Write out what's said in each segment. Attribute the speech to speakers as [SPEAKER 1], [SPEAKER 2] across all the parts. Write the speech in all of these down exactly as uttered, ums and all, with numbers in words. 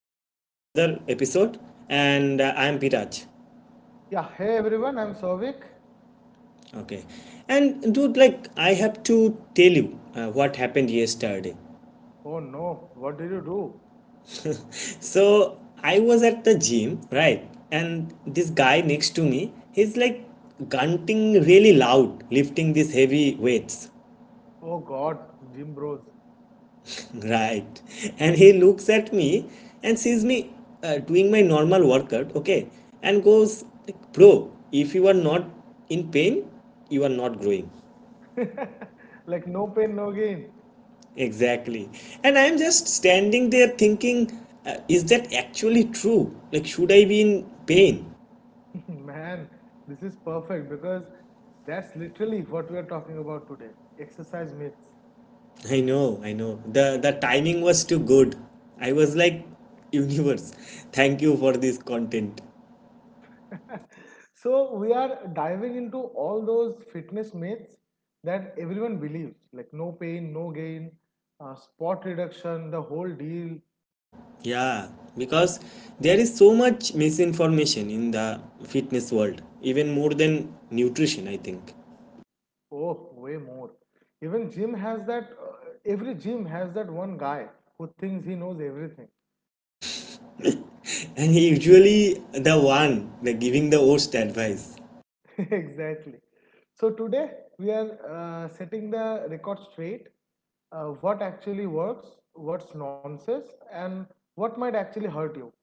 [SPEAKER 1] back to the another episode and uh, I am Piraj.
[SPEAKER 2] Yeah, hey everyone, I'm Sovik.
[SPEAKER 1] Okay. And dude like I have to tell you uh, what happened yesterday.
[SPEAKER 2] Oh no, what did you do?
[SPEAKER 1] So I was at the gym, right? And this guy next to me, he's like grunting really loud lifting these heavy weights.
[SPEAKER 2] Oh god, gym bros.
[SPEAKER 1] Right. And he looks at me and sees me uh, doing my normal workout, okay? And goes, like, bro, if you are not in pain, you are not growing.
[SPEAKER 2] Like no pain, no gain.
[SPEAKER 1] Exactly. And I'm just standing there thinking, uh, is that actually true? Like, should I be in pain?
[SPEAKER 2] Man, this is perfect because that's literally what we are talking about today, exercise myths.
[SPEAKER 1] I know, I know. The, the timing was too good. I was like, universe, thank you for this content.
[SPEAKER 2] So, we are diving into all those fitness myths that everyone believes, like no pain, no gain, uh, spot reduction, the whole deal.
[SPEAKER 1] Yeah, because there is so much misinformation in the fitness world, even more than nutrition, I think.
[SPEAKER 2] Oh, way more. Even gym has that, uh, every gym has that one guy who thinks he knows everything.
[SPEAKER 1] And he usually the one like giving the worst advice.
[SPEAKER 2] Exactly. So today we are uh, setting the record straight. Uh, what actually works, what's nonsense, and what might actually hurt you.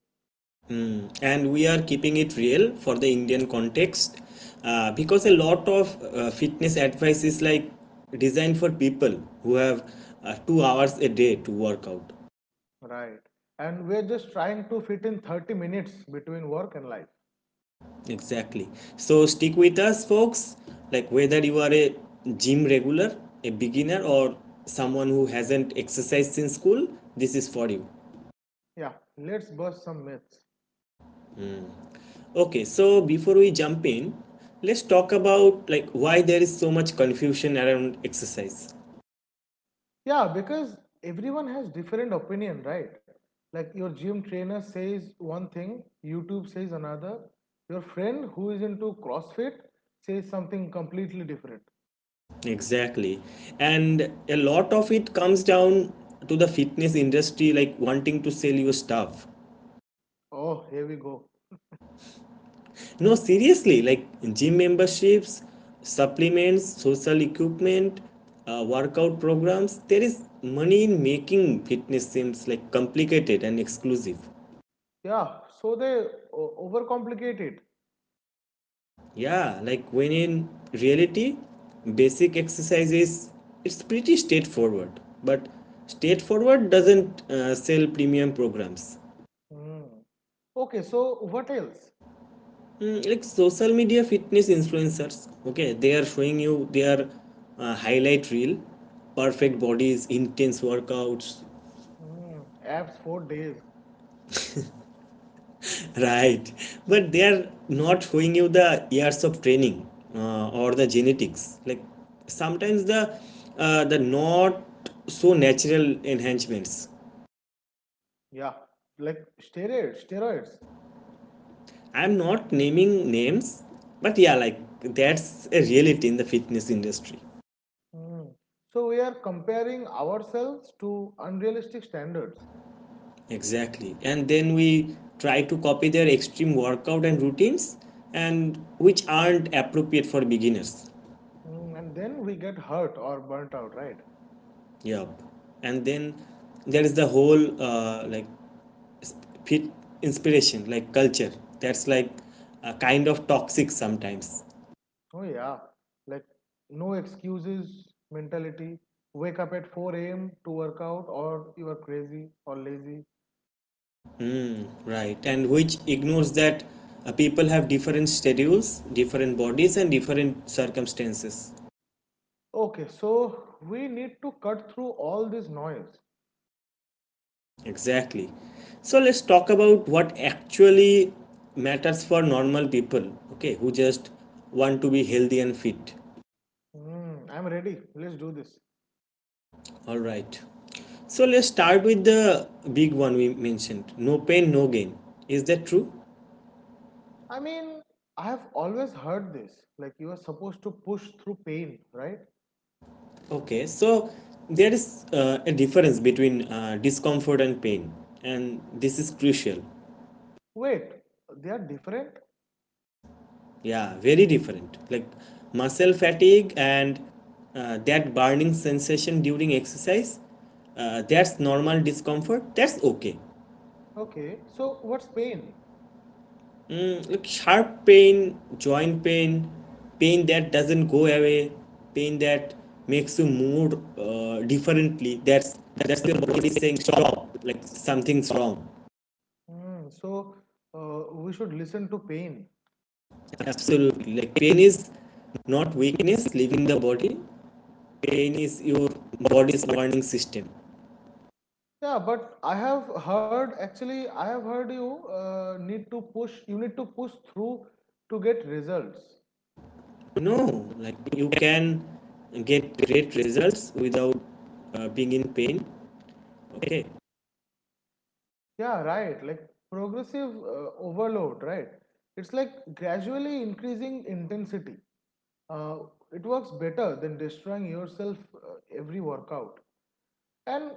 [SPEAKER 1] Mm. And we are keeping it real for the Indian context, uh, because a lot of uh, fitness advice is like designed for people who have uh, two hours a day to work out.
[SPEAKER 2] Right. And we're just trying to fit in thirty minutes between work and life.
[SPEAKER 1] Exactly. So stick with us, folks. Like whether you are a gym regular, a beginner, or someone who hasn't exercised since school, this is for you.
[SPEAKER 2] Yeah, let's bust some myths.
[SPEAKER 1] Okay, so before we jump in, let's talk about like why there is so much confusion around exercise.
[SPEAKER 2] Yeah, because everyone has different opinion, right? Like your gym trainer says one thing, YouTube says another. Your friend who is into CrossFit says something completely different.
[SPEAKER 1] Exactly. And a lot of it comes down to the fitness industry like wanting to sell you stuff.
[SPEAKER 2] Oh, here we go.
[SPEAKER 1] No, seriously, like gym memberships, supplements, social equipment, uh, workout programs, there is money in making fitness seems like complicated and exclusive.
[SPEAKER 2] Yeah, so they o- overcomplicate it.
[SPEAKER 1] Yeah, like when in reality, basic exercises, it's pretty straightforward. But straightforward doesn't uh, sell premium programs.
[SPEAKER 2] Hmm. Okay, so what else?
[SPEAKER 1] Mm, like social media fitness influencers, okay, they are showing you their uh, highlight reel, perfect bodies, intense workouts.
[SPEAKER 2] Hmm. Abs four days.
[SPEAKER 1] Right, but they are not showing you the years of training, uh, or the genetics, like sometimes the uh, the not so natural enhancements.
[SPEAKER 2] Yeah, like steroids. Steroids.
[SPEAKER 1] I'm not naming names, but yeah, like that's a reality in the fitness industry.
[SPEAKER 2] Hmm. So we are comparing ourselves to unrealistic standards.
[SPEAKER 1] Exactly. And then we try to copy their extreme workout and routines, and which aren't appropriate for beginners.
[SPEAKER 2] Mm, and then we get hurt or burnt out, right?
[SPEAKER 1] Yup. And then there is the whole uh, like sp- fit inspiration, like culture. That's like a kind of toxic sometimes.
[SPEAKER 2] Oh, yeah. Like, no excuses mentality. Wake up at four a m to work out, or you are crazy or lazy.
[SPEAKER 1] Mm, right. And which ignores that uh, people have different schedules, different bodies, and different circumstances.
[SPEAKER 2] Okay, so we need to cut through all this noise.
[SPEAKER 1] Exactly. So let's talk about what actually matters for normal people, okay, who just want to be healthy and fit.
[SPEAKER 2] Mm, I'm ready. Let's do this.
[SPEAKER 1] All right. So let's start with the big one we mentioned, no pain, no gain. Is that true?
[SPEAKER 2] I mean, I have always heard this. Like, you are supposed to push through pain, right?
[SPEAKER 1] Okay, so there is uh, a difference between uh, discomfort and pain, and this is crucial.
[SPEAKER 2] Wait, they are different?
[SPEAKER 1] Yeah, very different. Like muscle fatigue and uh, that burning sensation during exercise, uh, that's normal discomfort. That's okay.
[SPEAKER 2] Okay, so what's pain?
[SPEAKER 1] Mm, like sharp pain, joint pain, pain that doesn't go away, pain that makes you move uh, differently. That's that's your body saying stop. Like something's wrong.
[SPEAKER 2] Mm, so, uh, we should listen to pain.
[SPEAKER 1] Absolutely. Like pain is not weakness leaving the body. Pain is your body's warning system.
[SPEAKER 2] Yeah, but I have heard, actually, I have heard you uh, need to push, you need to push through to get results.
[SPEAKER 1] No, like you can get great results without uh, being in pain. Okay.
[SPEAKER 2] Yeah, right. Like progressive uh, overload, right? It's like gradually increasing intensity. Uh, it works better than destroying yourself uh, every workout. And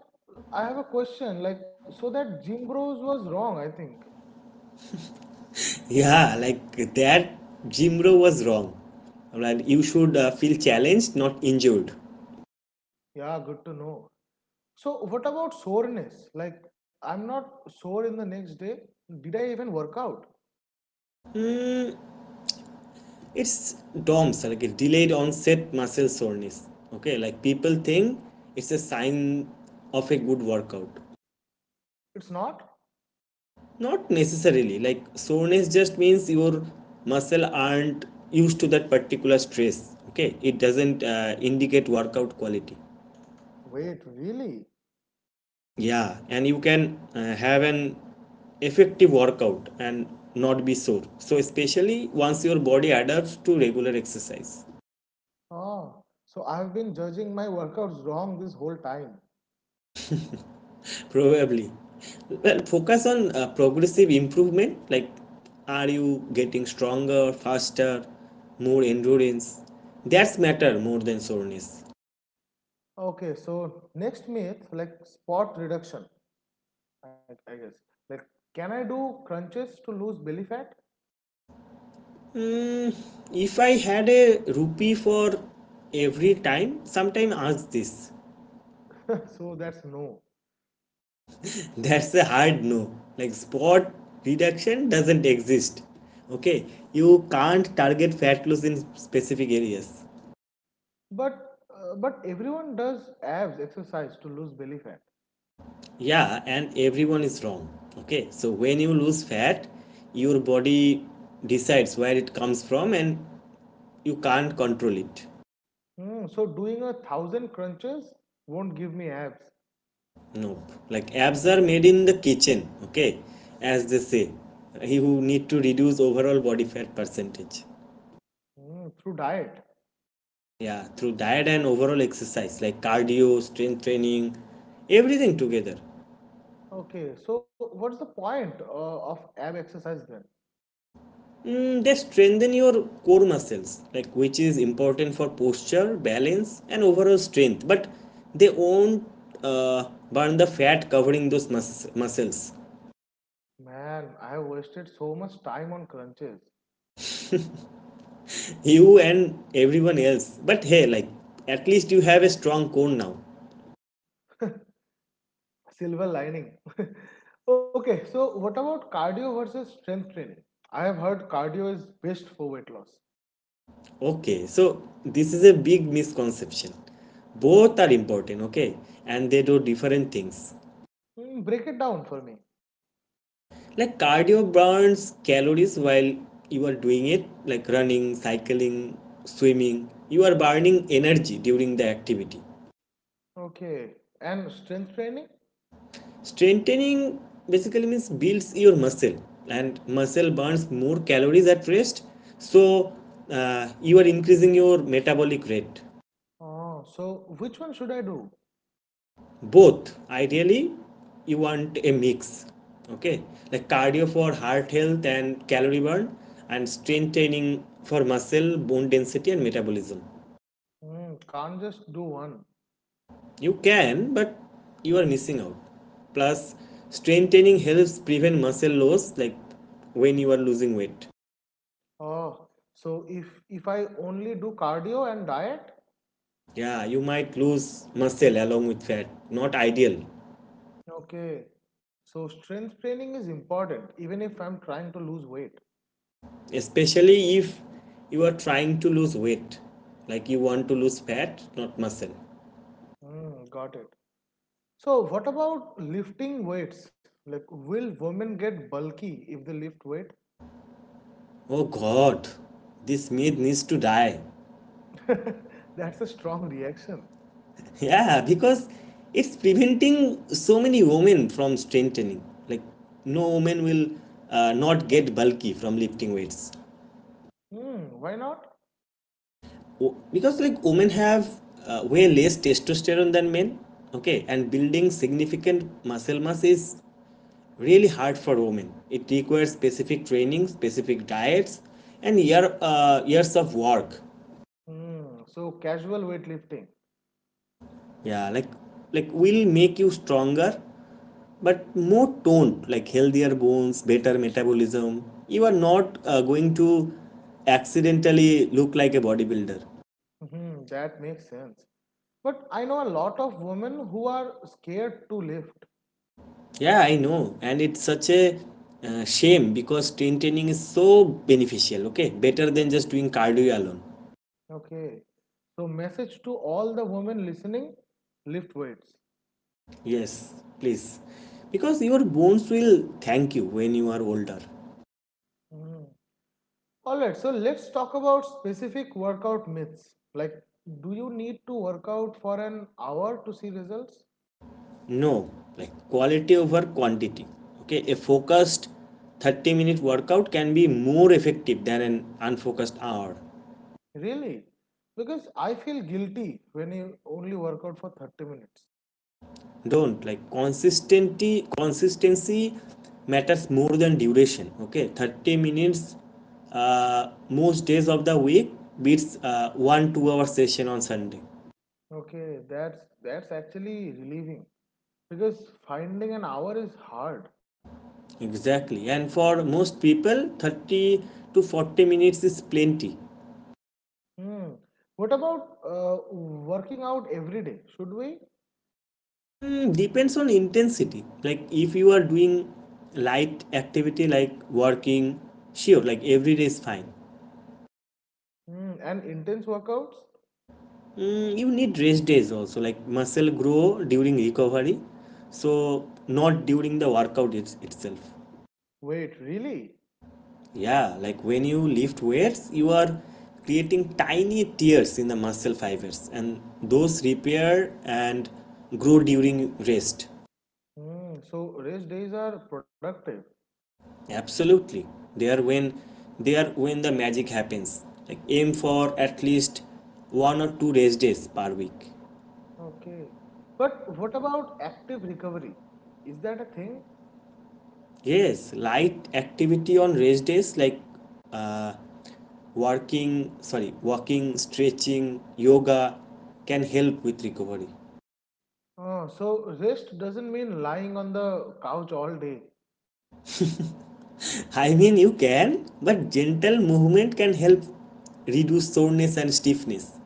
[SPEAKER 2] I have a question, like, so that gym bros was wrong, I think.
[SPEAKER 1] Yeah, like that Jim Rowe was wrong. Like you should uh, feel challenged, not injured.
[SPEAKER 2] Yeah, good to know. So what about soreness? Like I'm not sore in the next day. Did I even work out?
[SPEAKER 1] It's DOMS, like a delayed onset muscle soreness. Okay, like people think it's a sign of a good workout.
[SPEAKER 2] It's not?
[SPEAKER 1] Not necessarily. Like soreness just means your muscle aren't used to that particular stress. Okay, it doesn't uh, indicate workout quality.
[SPEAKER 2] Wait, really?
[SPEAKER 1] Yeah, and you can uh, have an effective workout and not be sore, so especially once your body adapts to regular exercise,
[SPEAKER 2] Ah, so I've been judging my workouts wrong this whole time.
[SPEAKER 1] probably. Well, focus on uh, progressive improvement. Like, are you getting stronger, faster, more endurance? That's matter more than soreness.
[SPEAKER 2] Okay, so next myth, like spot reduction, I, I guess. Like, can I do crunches to lose belly fat?
[SPEAKER 1] If I had a rupee for every time, sometime ask this.
[SPEAKER 2] So that's no.
[SPEAKER 1] That's a hard no. Like spot reduction doesn't exist. Okay, you can't target fat loss in specific areas.
[SPEAKER 2] But uh, but everyone does abs exercise to lose belly fat.
[SPEAKER 1] Yeah, and everyone is wrong. Okay, so when you lose fat, your body decides where it comes from and you can't control it.
[SPEAKER 2] Hmm, so doing a thousand crunches won't give me abs.
[SPEAKER 1] Nope. Like abs are made in the kitchen, okay? As they say, he who need to reduce overall body fat percentage.
[SPEAKER 2] Mm, through diet.
[SPEAKER 1] Yeah, through diet and overall exercise, like cardio, strength training, everything together.
[SPEAKER 2] Okay, so what's the point uh, of ab exercise then?
[SPEAKER 1] Mm, they strengthen your core muscles, like which is important for posture, balance, and overall strength. But they won't uh, burn the fat covering those mus- muscles.
[SPEAKER 2] Man, I have wasted so much time on crunches.
[SPEAKER 1] You and everyone else. But hey, like at least you have a strong core now.
[SPEAKER 2] Silver lining. Okay, so what about cardio versus strength training? I have heard cardio is best for weight loss.
[SPEAKER 1] Okay, so this is a big misconception. Both are important, okay, and they do different things.
[SPEAKER 2] Mm, break it down for me.
[SPEAKER 1] Like cardio burns calories while you are doing it, like running, cycling, swimming. You are burning energy during the activity.
[SPEAKER 2] Okay, and strength training?
[SPEAKER 1] Strengthening basically means builds your muscle, and muscle burns more calories at rest, so uh, you are increasing your metabolic rate.
[SPEAKER 2] Oh, so which one should I do?
[SPEAKER 1] Both ideally, you want a mix, okay, like cardio for heart health and calorie burn, and strength training for muscle, bone density and metabolism.
[SPEAKER 2] Mm, can't just do one.
[SPEAKER 1] You can, but you are missing out. Plus strength training helps prevent muscle loss, like when you are losing weight.
[SPEAKER 2] Oh, so if if I only do cardio and diet,
[SPEAKER 1] Yeah, you might lose muscle along with fat, not ideal.
[SPEAKER 2] okay, so strength training is important even if I'm trying to lose weight.
[SPEAKER 1] Especially if you are trying to lose weight, like you want to lose fat, not muscle.
[SPEAKER 2] Mm, got it. So, what about lifting weights? Like, will women get bulky if they lift weight?
[SPEAKER 1] Oh god, this myth needs to die.
[SPEAKER 2] That's a strong reaction.
[SPEAKER 1] Yeah, because it's preventing so many women from strengthening. Like, no woman will uh, not get bulky from lifting weights.
[SPEAKER 2] Mm, why not?
[SPEAKER 1] O- because, like, women have uh, way less testosterone than men, okay, and building significant muscle mass is really hard for women. It requires specific training, specific diets, and year, uh, years of work.
[SPEAKER 2] Mm, so, casual weightlifting.
[SPEAKER 1] Yeah, like like will make you stronger but more toned, like healthier bones, better metabolism, you are not uh, going to accidentally look like a bodybuilder.
[SPEAKER 2] Mhm, that makes sense. But I know a lot of women who are scared to lift.
[SPEAKER 1] Yeah, I know, and it's such a uh, shame because strength training is so beneficial, okay, better than just doing cardio alone.
[SPEAKER 2] Okay, so message to all the women listening, lift weights.
[SPEAKER 1] Yes, please, because your bones will thank you when you are older.
[SPEAKER 2] Hmm. All right, so let's talk about specific workout myths. Like, do you need to work out for an hour to see results?
[SPEAKER 1] No, like quality over quantity, okay, a focused thirty minute workout can be more effective than an unfocused hour.
[SPEAKER 2] Really? Because I feel guilty when you only work out for thirty minutes.
[SPEAKER 1] Don't. Like consistency consistency matters more than duration, okay, thirty minutes uh, most days of the week beats uh, one two hour session on Sunday.
[SPEAKER 2] Okay, that's that's actually relieving because finding an hour is hard.
[SPEAKER 1] Exactly, and for most people thirty to forty minutes is plenty.
[SPEAKER 2] Hmm. What about uh, working out every day? Should we?
[SPEAKER 1] Mm, depends on intensity, like if you are doing light activity like working, sure, like every day is fine.
[SPEAKER 2] Hmm. And intense workouts?
[SPEAKER 1] Mm, you need rest days also, like muscle grow during recovery, so not during the workout it's, itself.
[SPEAKER 2] Wait, really?
[SPEAKER 1] Yeah, like when you lift weights, you are creating tiny tears in the muscle fibers, and those repair and grow during rest.
[SPEAKER 2] Hmm. So race days are productive.
[SPEAKER 1] Absolutely, they are when they are when the magic happens. Like aim for at least one or two rest days per week.
[SPEAKER 2] Okay. But what about active recovery? Is that a thing?
[SPEAKER 1] Yes, light activity on rest days, like uh, working, sorry, walking, stretching, yoga can help with recovery.
[SPEAKER 2] Oh, so rest doesn't mean lying on the couch all day.
[SPEAKER 1] I mean, you can, but gentle movement can help reduce soreness and stiffness.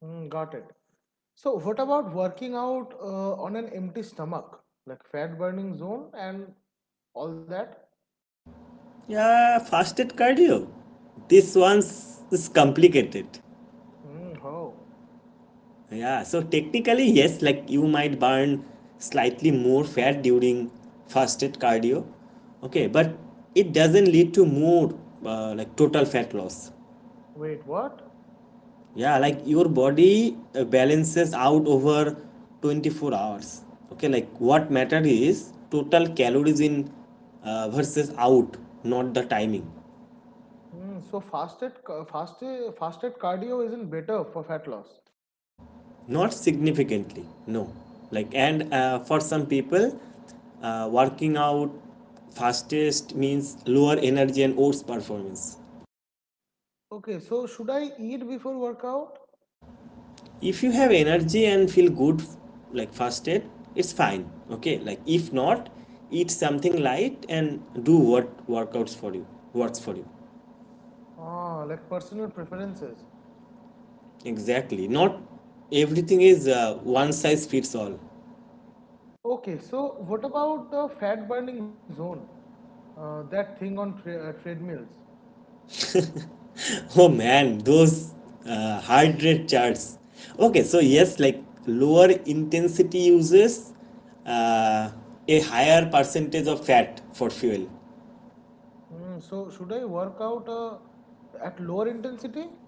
[SPEAKER 2] Mm, got it. So what about working out uh, on an empty stomach, like fat burning zone and all that?
[SPEAKER 1] Yeah, fasted cardio. This one's is complicated.
[SPEAKER 2] Mm, oh,
[SPEAKER 1] Yeah, so technically, yes, like you might burn slightly more fat during fasted cardio, okay, but it doesn't lead to more uh, like total fat loss.
[SPEAKER 2] wait, what?
[SPEAKER 1] Yeah, like your body uh, balances out over twenty-four hours, okay, like what matter is total calories in uh, versus out, not the timing.
[SPEAKER 2] Mm, so fasted, ca- fasted, fasted cardio isn't better for fat loss.
[SPEAKER 1] Not significantly, no. Like, and uh, for some people uh, working out fastest means lower energy and worse performance.
[SPEAKER 2] Okay, so should I eat before workout?
[SPEAKER 1] If you have energy and feel good, like fasted, it's fine, okay, like if not, eat something light and do what workouts for you works for you.
[SPEAKER 2] Ah, like personal preferences.
[SPEAKER 1] Exactly, not everything is uh, one size fits all.
[SPEAKER 2] Okay, so what about the fat burning zone? Uh, that thing on tre- uh, treadmills.
[SPEAKER 1] Oh man, those uh, heart rate charts. Okay, so yes, like lower intensity uses uh, a higher percentage of fat for fuel.
[SPEAKER 2] Mm, so should I work out uh, at lower intensity?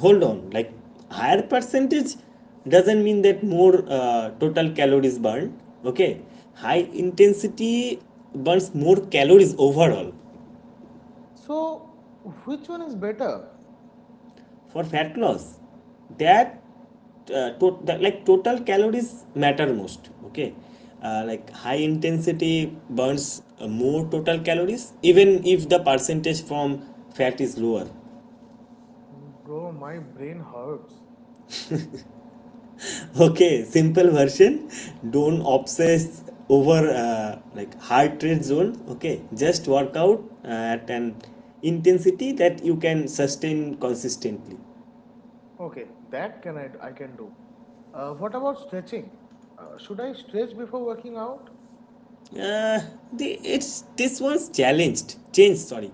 [SPEAKER 1] Hold on, like higher percentage doesn't mean that more uh, total calories burned. Okay, high intensity burns more calories overall.
[SPEAKER 2] So which one is better?
[SPEAKER 1] For fat loss, that uh, to, that like total calories matter most, okay, uh, like high intensity burns uh, more total calories even if the percentage from fat is lower.
[SPEAKER 2] Mm, bro, my brain hurts.
[SPEAKER 1] Okay, simple version, don't obsess over uh, like heart rate zone, okay, just work out uh, at an intensity that you can sustain consistently.
[SPEAKER 2] Okay, that can I, I can do. Uh, what about stretching? Uh, should I stretch before working out?
[SPEAKER 1] Uh, the, it's this one's challenged change sorry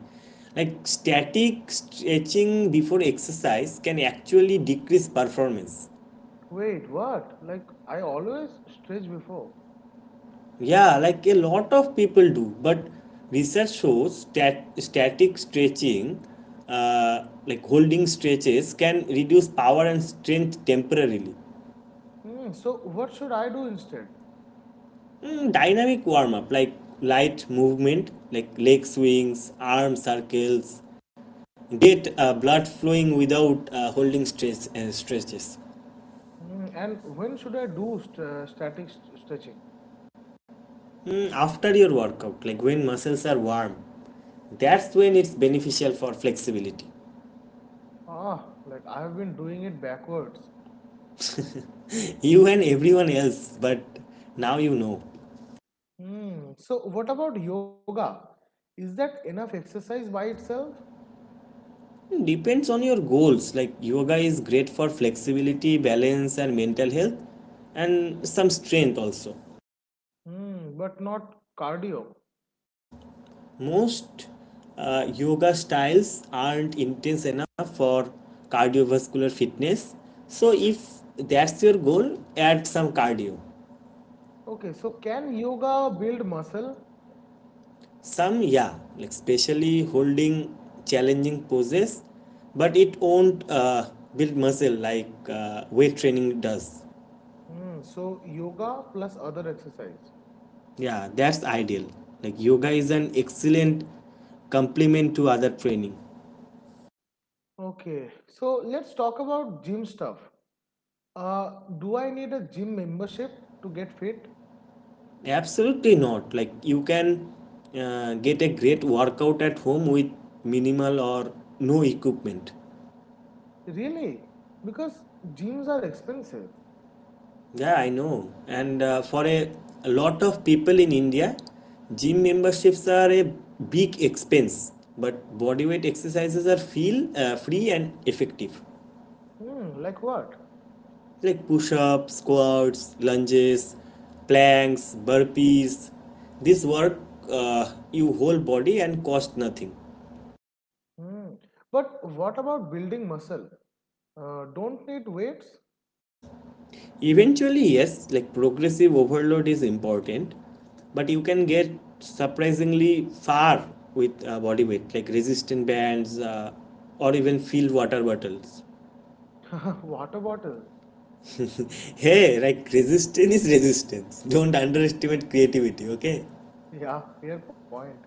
[SPEAKER 1] Like static stretching before exercise can actually decrease performance.
[SPEAKER 2] Wait, what? Like I always stretch before.
[SPEAKER 1] Yeah, like a lot of people do, but research shows stat- static stretching, uh, like holding stretches can reduce power and strength temporarily.
[SPEAKER 2] Mm, so what should I do instead?
[SPEAKER 1] Mm, dynamic warm up, like light movement like leg swings, arm circles, get uh, blood flowing without uh, holding stress uh, stretches.
[SPEAKER 2] Mm, and when should I do st- uh, static st- stretching?
[SPEAKER 1] Mm, after your workout, like when muscles are warm, that's when it's beneficial for flexibility.
[SPEAKER 2] Ah, like I've been doing it backwards.
[SPEAKER 1] You and everyone else, but now you know.
[SPEAKER 2] Hmm. So what about yoga? Is that enough exercise by itself?
[SPEAKER 1] Depends on your goals, like yoga is great for flexibility, balance and mental health, and some strength also.
[SPEAKER 2] Hmm. But not cardio.
[SPEAKER 1] Most uh, yoga styles aren't intense enough for cardiovascular fitness. So if that's your goal, add some cardio.
[SPEAKER 2] Okay. So can yoga build muscle?
[SPEAKER 1] Some, yeah, like especially holding challenging poses, but it won't uh, build muscle like uh, weight training does.
[SPEAKER 2] Hmm. So yoga plus other exercise.
[SPEAKER 1] Yeah, that's ideal. Like yoga is an excellent complement to other training.
[SPEAKER 2] Okay. So let's talk about gym stuff. Uh, do I need a gym membership to get fit?
[SPEAKER 1] Absolutely not. Like you can uh, get a great workout at home with minimal or no equipment.
[SPEAKER 2] Really? Because gyms are expensive.
[SPEAKER 1] Yeah, I know. And uh, for a, a lot of people in India, gym memberships are a big expense, but bodyweight exercises are feel uh, free and effective.
[SPEAKER 2] Hmm. Like what?
[SPEAKER 1] Like push-ups, squats, lunges, planks, burpees. This work uh, you whole body and cost nothing.
[SPEAKER 2] Hmm. But what about building muscle? Uh, don't need weights?
[SPEAKER 1] Eventually, yes, like progressive overload is important, but you can get surprisingly far with uh, body weight, like resistant bands uh, or even filled water bottles.
[SPEAKER 2] Water bottle.
[SPEAKER 1] Hey, like resistance is resistance. Don't underestimate creativity, okay?
[SPEAKER 2] Yeah, fair point.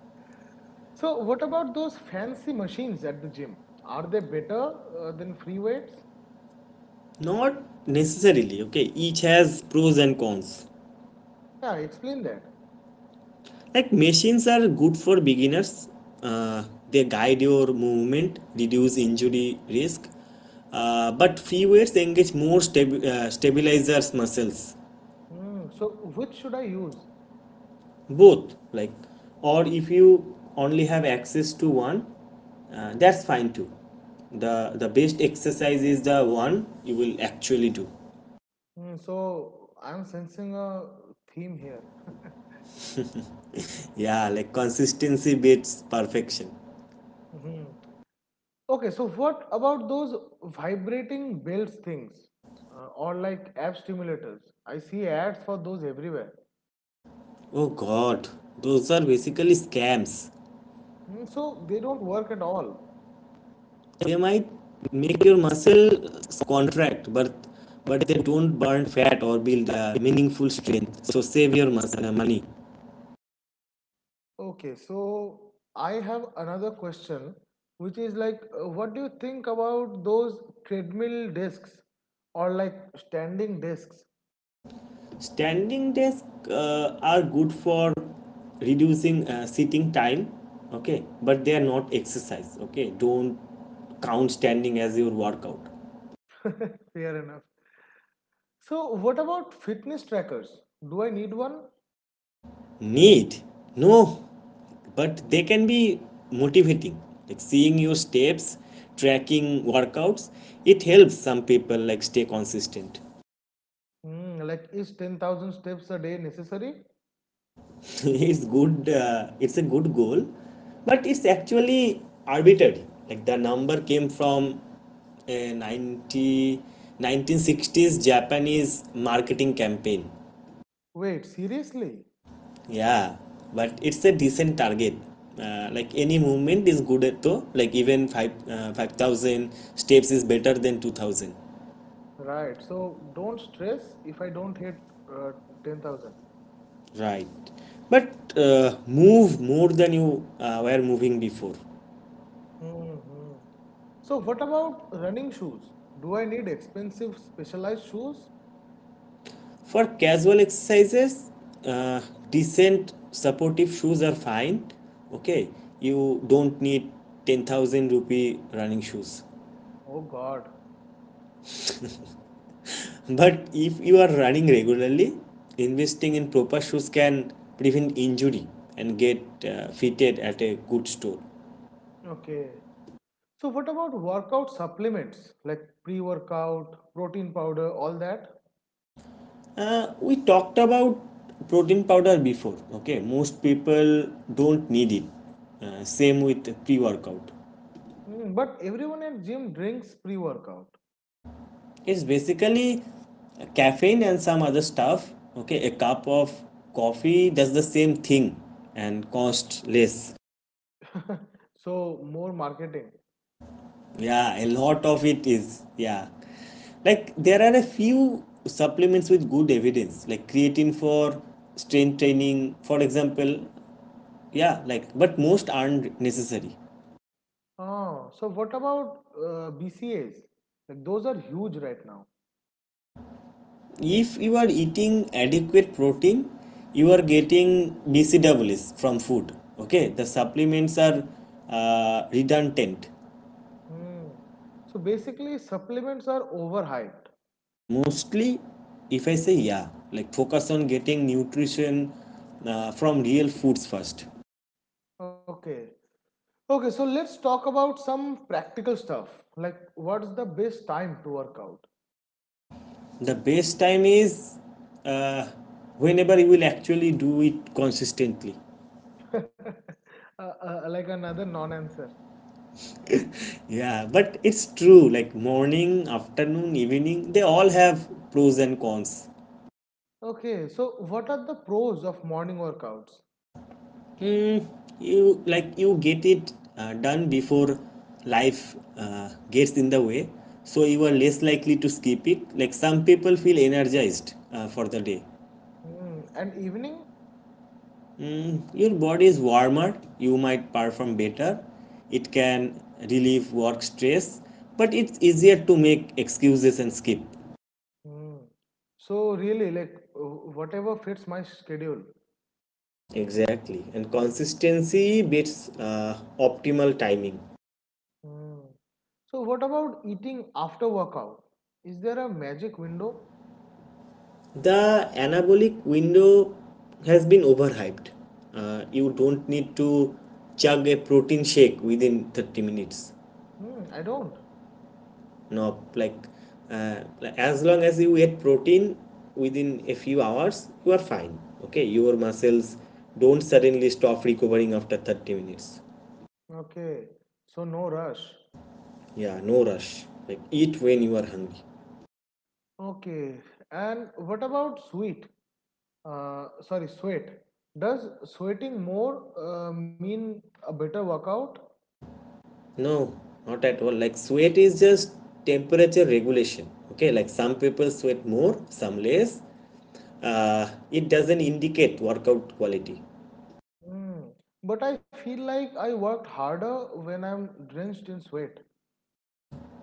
[SPEAKER 2] So, what about those fancy machines at the gym? Are they better uh, than free weights?
[SPEAKER 1] Not necessarily, okay? Each has pros and cons.
[SPEAKER 2] Yeah, explain that.
[SPEAKER 1] Like machines are good for beginners. Uh, they guide your movement, reduce injury risk. Uh, but free weights engage more stab- uh, stabilizers muscles,
[SPEAKER 2] Hmm, so, which should I use?
[SPEAKER 1] both. Like, or if you only have access to one, uh, that's fine too. The the best exercise is the one you will actually do.
[SPEAKER 2] Hmm, so, I'm sensing a theme here.
[SPEAKER 1] Yeah, like consistency beats perfection.
[SPEAKER 2] Mhm. Okay, so what about those vibrating belts things uh, or like app stimulators? I see ads for those everywhere.
[SPEAKER 1] Oh God, those are basically scams.
[SPEAKER 2] Mm, so they don't work at all.
[SPEAKER 1] They might make your muscle contract but but they don't burn fat or build a meaningful strength, so save your muscle uh, money.
[SPEAKER 2] Okay, so I have another question, which is like, uh, what do you think about those treadmill discs or like standing discs?
[SPEAKER 1] Standing desks uh, are good for reducing uh, sitting time. Okay, but they are not exercise. Okay, don't count standing as your workout.
[SPEAKER 2] Fair enough. So, what about fitness trackers? Do I need one?
[SPEAKER 1] Need? No, but they can be motivating. Like seeing your steps, tracking workouts, it helps some people like stay consistent.
[SPEAKER 2] Hmm, like, is ten thousand steps a day necessary?
[SPEAKER 1] It's good. Uh, it's a good goal, but it's actually arbitrary. Like the number came from a nineteen sixties japanese marketing campaign.
[SPEAKER 2] Wait, seriously?
[SPEAKER 1] Yeah, but it's a decent target, uh, like any movement is good at though. Like even 5 uh, five thousand steps is better than two thousand.
[SPEAKER 2] Right, so don't stress if I don't hit uh, ten thousand.
[SPEAKER 1] Right, but uh, move more than you uh, were moving before.
[SPEAKER 2] Mhm. So, what about running shoes? Do I need expensive specialized shoes?
[SPEAKER 1] For casual exercises, uh, decent supportive shoes are fine. Okay, you don't need ten thousand rupee running shoes.
[SPEAKER 2] Oh God.
[SPEAKER 1] But if you are running regularly, investing in proper shoes can prevent injury, and get uh, fitted at a good store.
[SPEAKER 2] Okay. So what about workout supplements like pre-workout, protein powder, all that?
[SPEAKER 1] Uh, we talked about protein powder before. Okay, most people don't need it. Uh, same with pre workout.
[SPEAKER 2] Hmm, but everyone at gym drinks pre-workout.
[SPEAKER 1] It's basically caffeine and some other stuff. Okay, a cup of coffee does the same thing and cost less.
[SPEAKER 2] So more marketing.
[SPEAKER 1] Yeah, a lot of it is. Yeah. Like there are a few supplements with good evidence, like creatine for strength training, for example. Yeah, like but most aren't necessary.
[SPEAKER 2] Ah, so what about uh, B C As? Like those are huge right now.
[SPEAKER 1] If you are eating adequate protein, you are getting bcws from food. Okay, the supplements are uh, redundant.
[SPEAKER 2] Hmm. So basically supplements are overhyped.
[SPEAKER 1] Mostly. If I say yeah, like focus on getting nutrition uh, from real foods first.
[SPEAKER 2] Okay. Okay, so let's talk about some practical stuff. Like what's the best time to work out?
[SPEAKER 1] The best time is uh, whenever you will actually do it consistently.
[SPEAKER 2] Uh, uh, like another non-answer.
[SPEAKER 1] Yeah, but it's true. Like morning, afternoon, evening, they all have pros and cons.
[SPEAKER 2] Okay, so what are the pros of morning workouts?
[SPEAKER 1] You like you get it uh, done before life uh, gets in the way, so you are less likely to skip it. Like some people feel energized uh, for the day.
[SPEAKER 2] Hmm, and evening?
[SPEAKER 1] Your body is warmer, you might perform better. It can relieve work stress, but it's easier to make excuses and skip.
[SPEAKER 2] Hmm. So really, like w- whatever fits my schedule.
[SPEAKER 1] Exactly, and consistency beats uh, optimal timing.
[SPEAKER 2] Hmm. So what about eating after workout? Is there a magic window?
[SPEAKER 1] The anabolic window has been overhyped. Uh, you don't need to chug a protein shake within thirty minutes.
[SPEAKER 2] Hmm, I don't.
[SPEAKER 1] No, like uh, as long as you eat protein within a few hours, you are fine. Okay, your muscles don't suddenly stop recovering after thirty minutes.
[SPEAKER 2] Okay, so no rush.
[SPEAKER 1] Yeah, no rush. Like eat when you are hungry.
[SPEAKER 2] Okay, and what about sweat? Uh, sorry, sweat. Does sweating more uh, mean a better workout?
[SPEAKER 1] No, not at all. Like sweat is just temperature regulation. Okay, like some people sweat more, some less. Uh, it doesn't indicate workout quality.
[SPEAKER 2] Mm. But I feel like I worked harder when I'm drenched in sweat.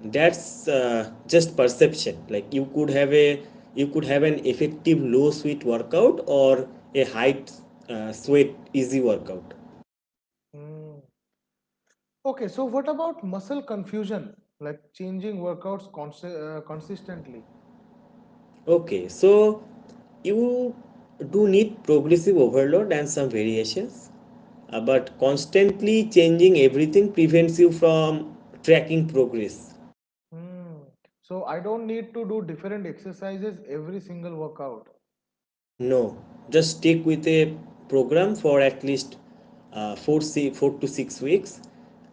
[SPEAKER 1] That's uh, just perception. Like you could have a you could have an effective low sweat workout or a high uh, sweat easy workout.
[SPEAKER 2] Mm. Okay, so what about muscle confusion, like changing workouts consi- uh, consistently?
[SPEAKER 1] Okay, so you do need progressive overload and some variations, uh, but constantly changing everything prevents you from tracking progress.
[SPEAKER 2] Mm. So I don't need to do different exercises every single workout.
[SPEAKER 1] No, just stick with a program for at least uh, four, si- four to six weeks.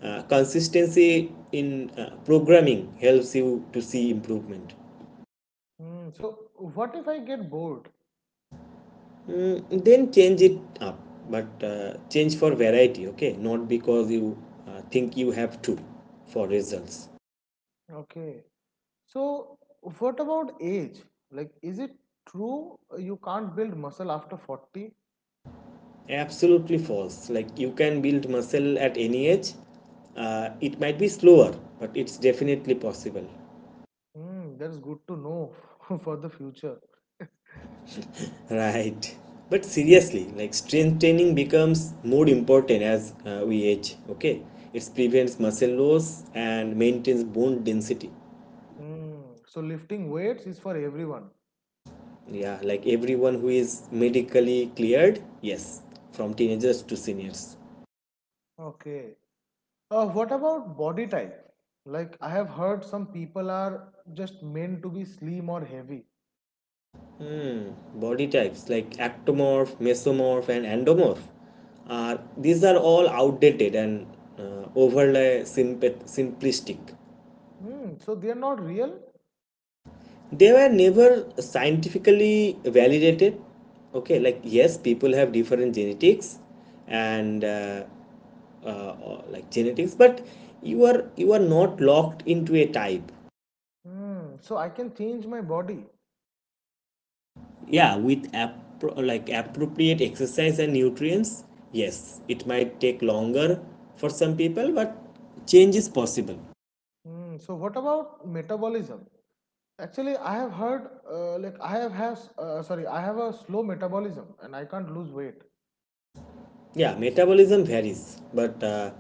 [SPEAKER 1] Uh, consistency in uh, programming helps you to see improvement.
[SPEAKER 2] Mm. So what if I get bored?
[SPEAKER 1] Mm, then change it up, but uh, change for variety, okay? Not because you uh, think you have to for results.
[SPEAKER 2] Okay. So what about age? Like, is it true you can't build muscle after forty?
[SPEAKER 1] Absolutely false. Like you can build muscle at any age. Uh, it might be slower, but it's definitely possible.
[SPEAKER 2] Mm, that's good to know for the future.
[SPEAKER 1] Right. But seriously, like strength training becomes more important as uh, we age, okay? It prevents muscle loss and maintains bone density.
[SPEAKER 2] Mm, so lifting weights is for everyone.
[SPEAKER 1] Yeah, like everyone who is medically cleared, yes, from teenagers to seniors.
[SPEAKER 2] Okay. Uh, what about body type? Like I have heard some people are just meant to be slim or heavy.
[SPEAKER 1] Body types like ectomorph, mesomorph, and endomorph are these are all outdated and uh, overly simp- simplistic.
[SPEAKER 2] Mm, so they are not real.
[SPEAKER 1] They were never scientifically validated. Okay, like yes, people have different genetics, and uh, uh, like genetics, but you are you are not locked into a type.
[SPEAKER 2] Mm, so I can change my body.
[SPEAKER 1] Yeah, with appro- like appropriate exercise and nutrients, yes, it might take longer for some people, but change is possible.
[SPEAKER 2] Mm, so what about metabolism? Actually, I have heard uh, like I have has uh, sorry I have a slow metabolism and I can't lose weight.
[SPEAKER 1] Yeah, metabolism varies, but uh,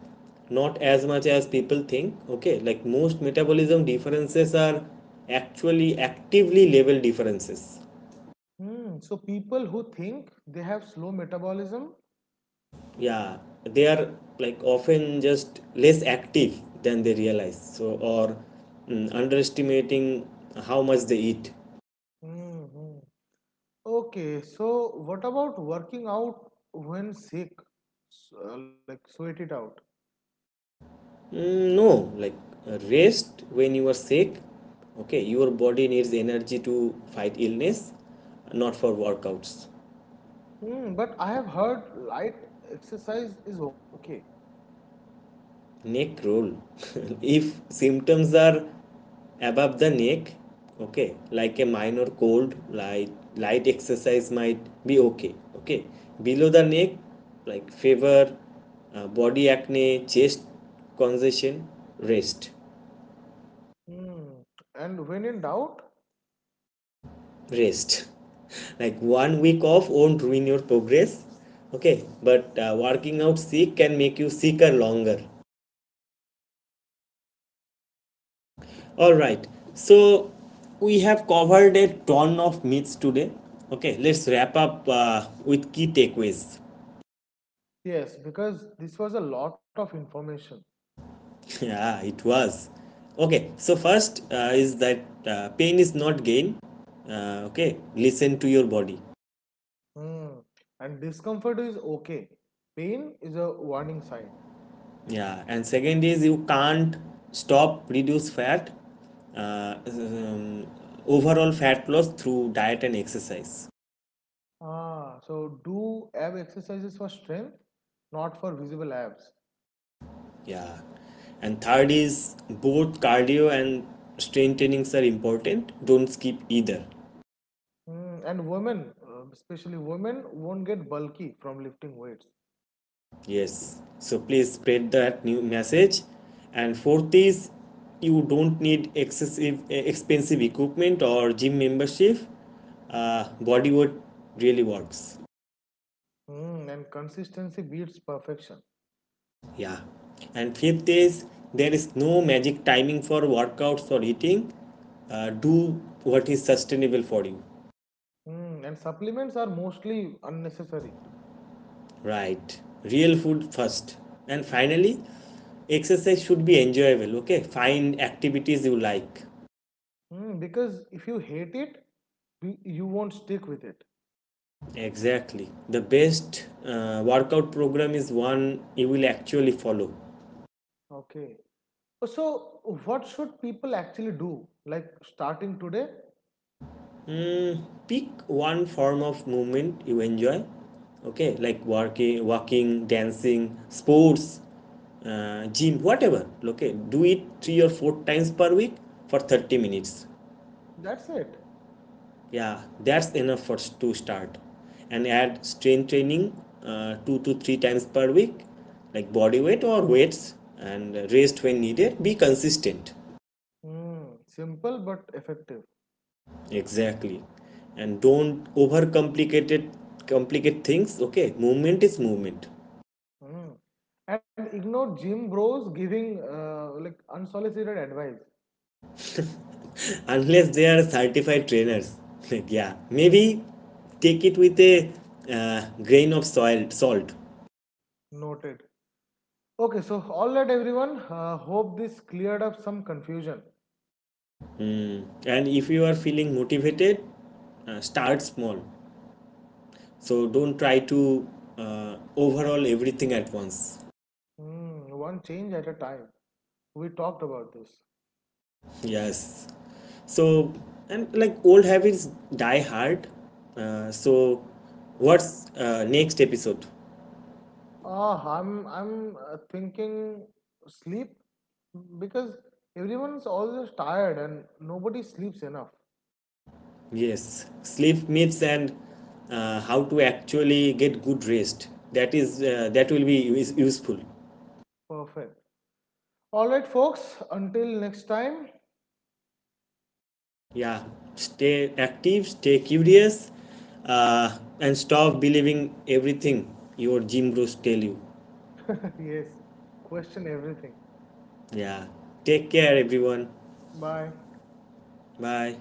[SPEAKER 1] not as much as people think. Okay, like most metabolism differences are actually actively level differences.
[SPEAKER 2] Mm, so people who think they have slow metabolism.
[SPEAKER 1] Yeah, they are like often just less active than they realize, so or mm, underestimating how much they eat.
[SPEAKER 2] Mhm. Okay, so what about working out when sick? S- uh, like sweat it out.
[SPEAKER 1] Mm, no, like uh, rest when you are sick. Okay, your body needs energy to fight illness, not for workouts.
[SPEAKER 2] Hmm, but I have heard light exercise is okay.
[SPEAKER 1] Neck roll. If symptoms are above the neck, okay, like a minor cold, light light exercise might be okay. Okay, below the neck, like fever, uh, body acne, chest congestion, rest.
[SPEAKER 2] Hmm, and when in doubt,
[SPEAKER 1] Rest. Like one week off won't ruin your progress. Okay, but uh, working out sick can make you sicker longer. All right, so we have covered a ton of myths today. Okay, let's wrap up uh, with key takeaways.
[SPEAKER 2] yes, because this was a lot of information.
[SPEAKER 1] Yeah, it was. Okay, so first uh, is that uh, pain is not gain. Uh, okay, listen to your body.
[SPEAKER 2] Hmm. And discomfort is okay. Pain is a warning sign.
[SPEAKER 1] Yeah, and second is you can't stop reduce fat, uh, um, overall fat loss through diet and exercise.
[SPEAKER 2] Ah, so do ab exercises for strength, not for visible abs.
[SPEAKER 1] Yeah, and third is both cardio and strength trainings are important. Don't skip either.
[SPEAKER 2] Mm, and women, uh, especially women, won't get bulky from lifting weights.
[SPEAKER 1] Yes, so please spread that new message. And fourth is you don't need excessive eh, expensive equipment or gym membership. Uh, body weight really works.
[SPEAKER 2] Mm, and consistency beats perfection.
[SPEAKER 1] Yeah. And fifth is there is no magic timing for workouts or eating. Uh, do what is sustainable for you.
[SPEAKER 2] Mm, and supplements are mostly unnecessary.
[SPEAKER 1] Right. Real food first. And finally, exercise should be enjoyable. Okay. Find activities you like.
[SPEAKER 2] Mm, because if you hate it, you, you won't stick with it.
[SPEAKER 1] Exactly. The best uh, workout program is one you will actually follow.
[SPEAKER 2] Okay. So, what should people actually do? Like starting today?
[SPEAKER 1] Pick one form of movement you enjoy. Okay, like working, walking, dancing, sports, uh, gym, whatever. Okay, do it three or four times per week for thirty minutes.
[SPEAKER 2] That's it.
[SPEAKER 1] Yeah, that's enough for to start. And add strength training uh, two to three times per week, like body weight or weights, and rest when needed, be consistent.
[SPEAKER 2] Mm, simple but effective.
[SPEAKER 1] Exactly, and don't overcomplicate it complicate things. Okay, movement is movement.
[SPEAKER 2] Mm. And ignore gym bros giving uh, like unsolicited advice.
[SPEAKER 1] Unless they are certified trainers. Like yeah, maybe take it with a uh, grain of soil salt.
[SPEAKER 2] Noted. Okay, so all right, everyone. Uh, hope this cleared up some confusion.
[SPEAKER 1] And if you are feeling motivated, uh, start small, so don't try to uh, overhaul everything at once.
[SPEAKER 2] Mm, one change at a time. We talked about this.
[SPEAKER 1] Yes, so, and like old habits die hard, uh, so what's uh, next episode?
[SPEAKER 2] Ah, I'm I'm uh, thinking sleep because everyone's always tired and nobody sleeps enough.
[SPEAKER 1] Yes, sleep myths and uh, how to actually get good rest. That is uh, that will be is useful.
[SPEAKER 2] Perfect. All right, folks. Until next time.
[SPEAKER 1] Yeah, stay active, stay curious, uh, and stop believing everything your gym bros tell you.
[SPEAKER 2] Yes. Question everything.
[SPEAKER 1] Yeah, take care, everyone.
[SPEAKER 2] Bye.
[SPEAKER 1] Bye.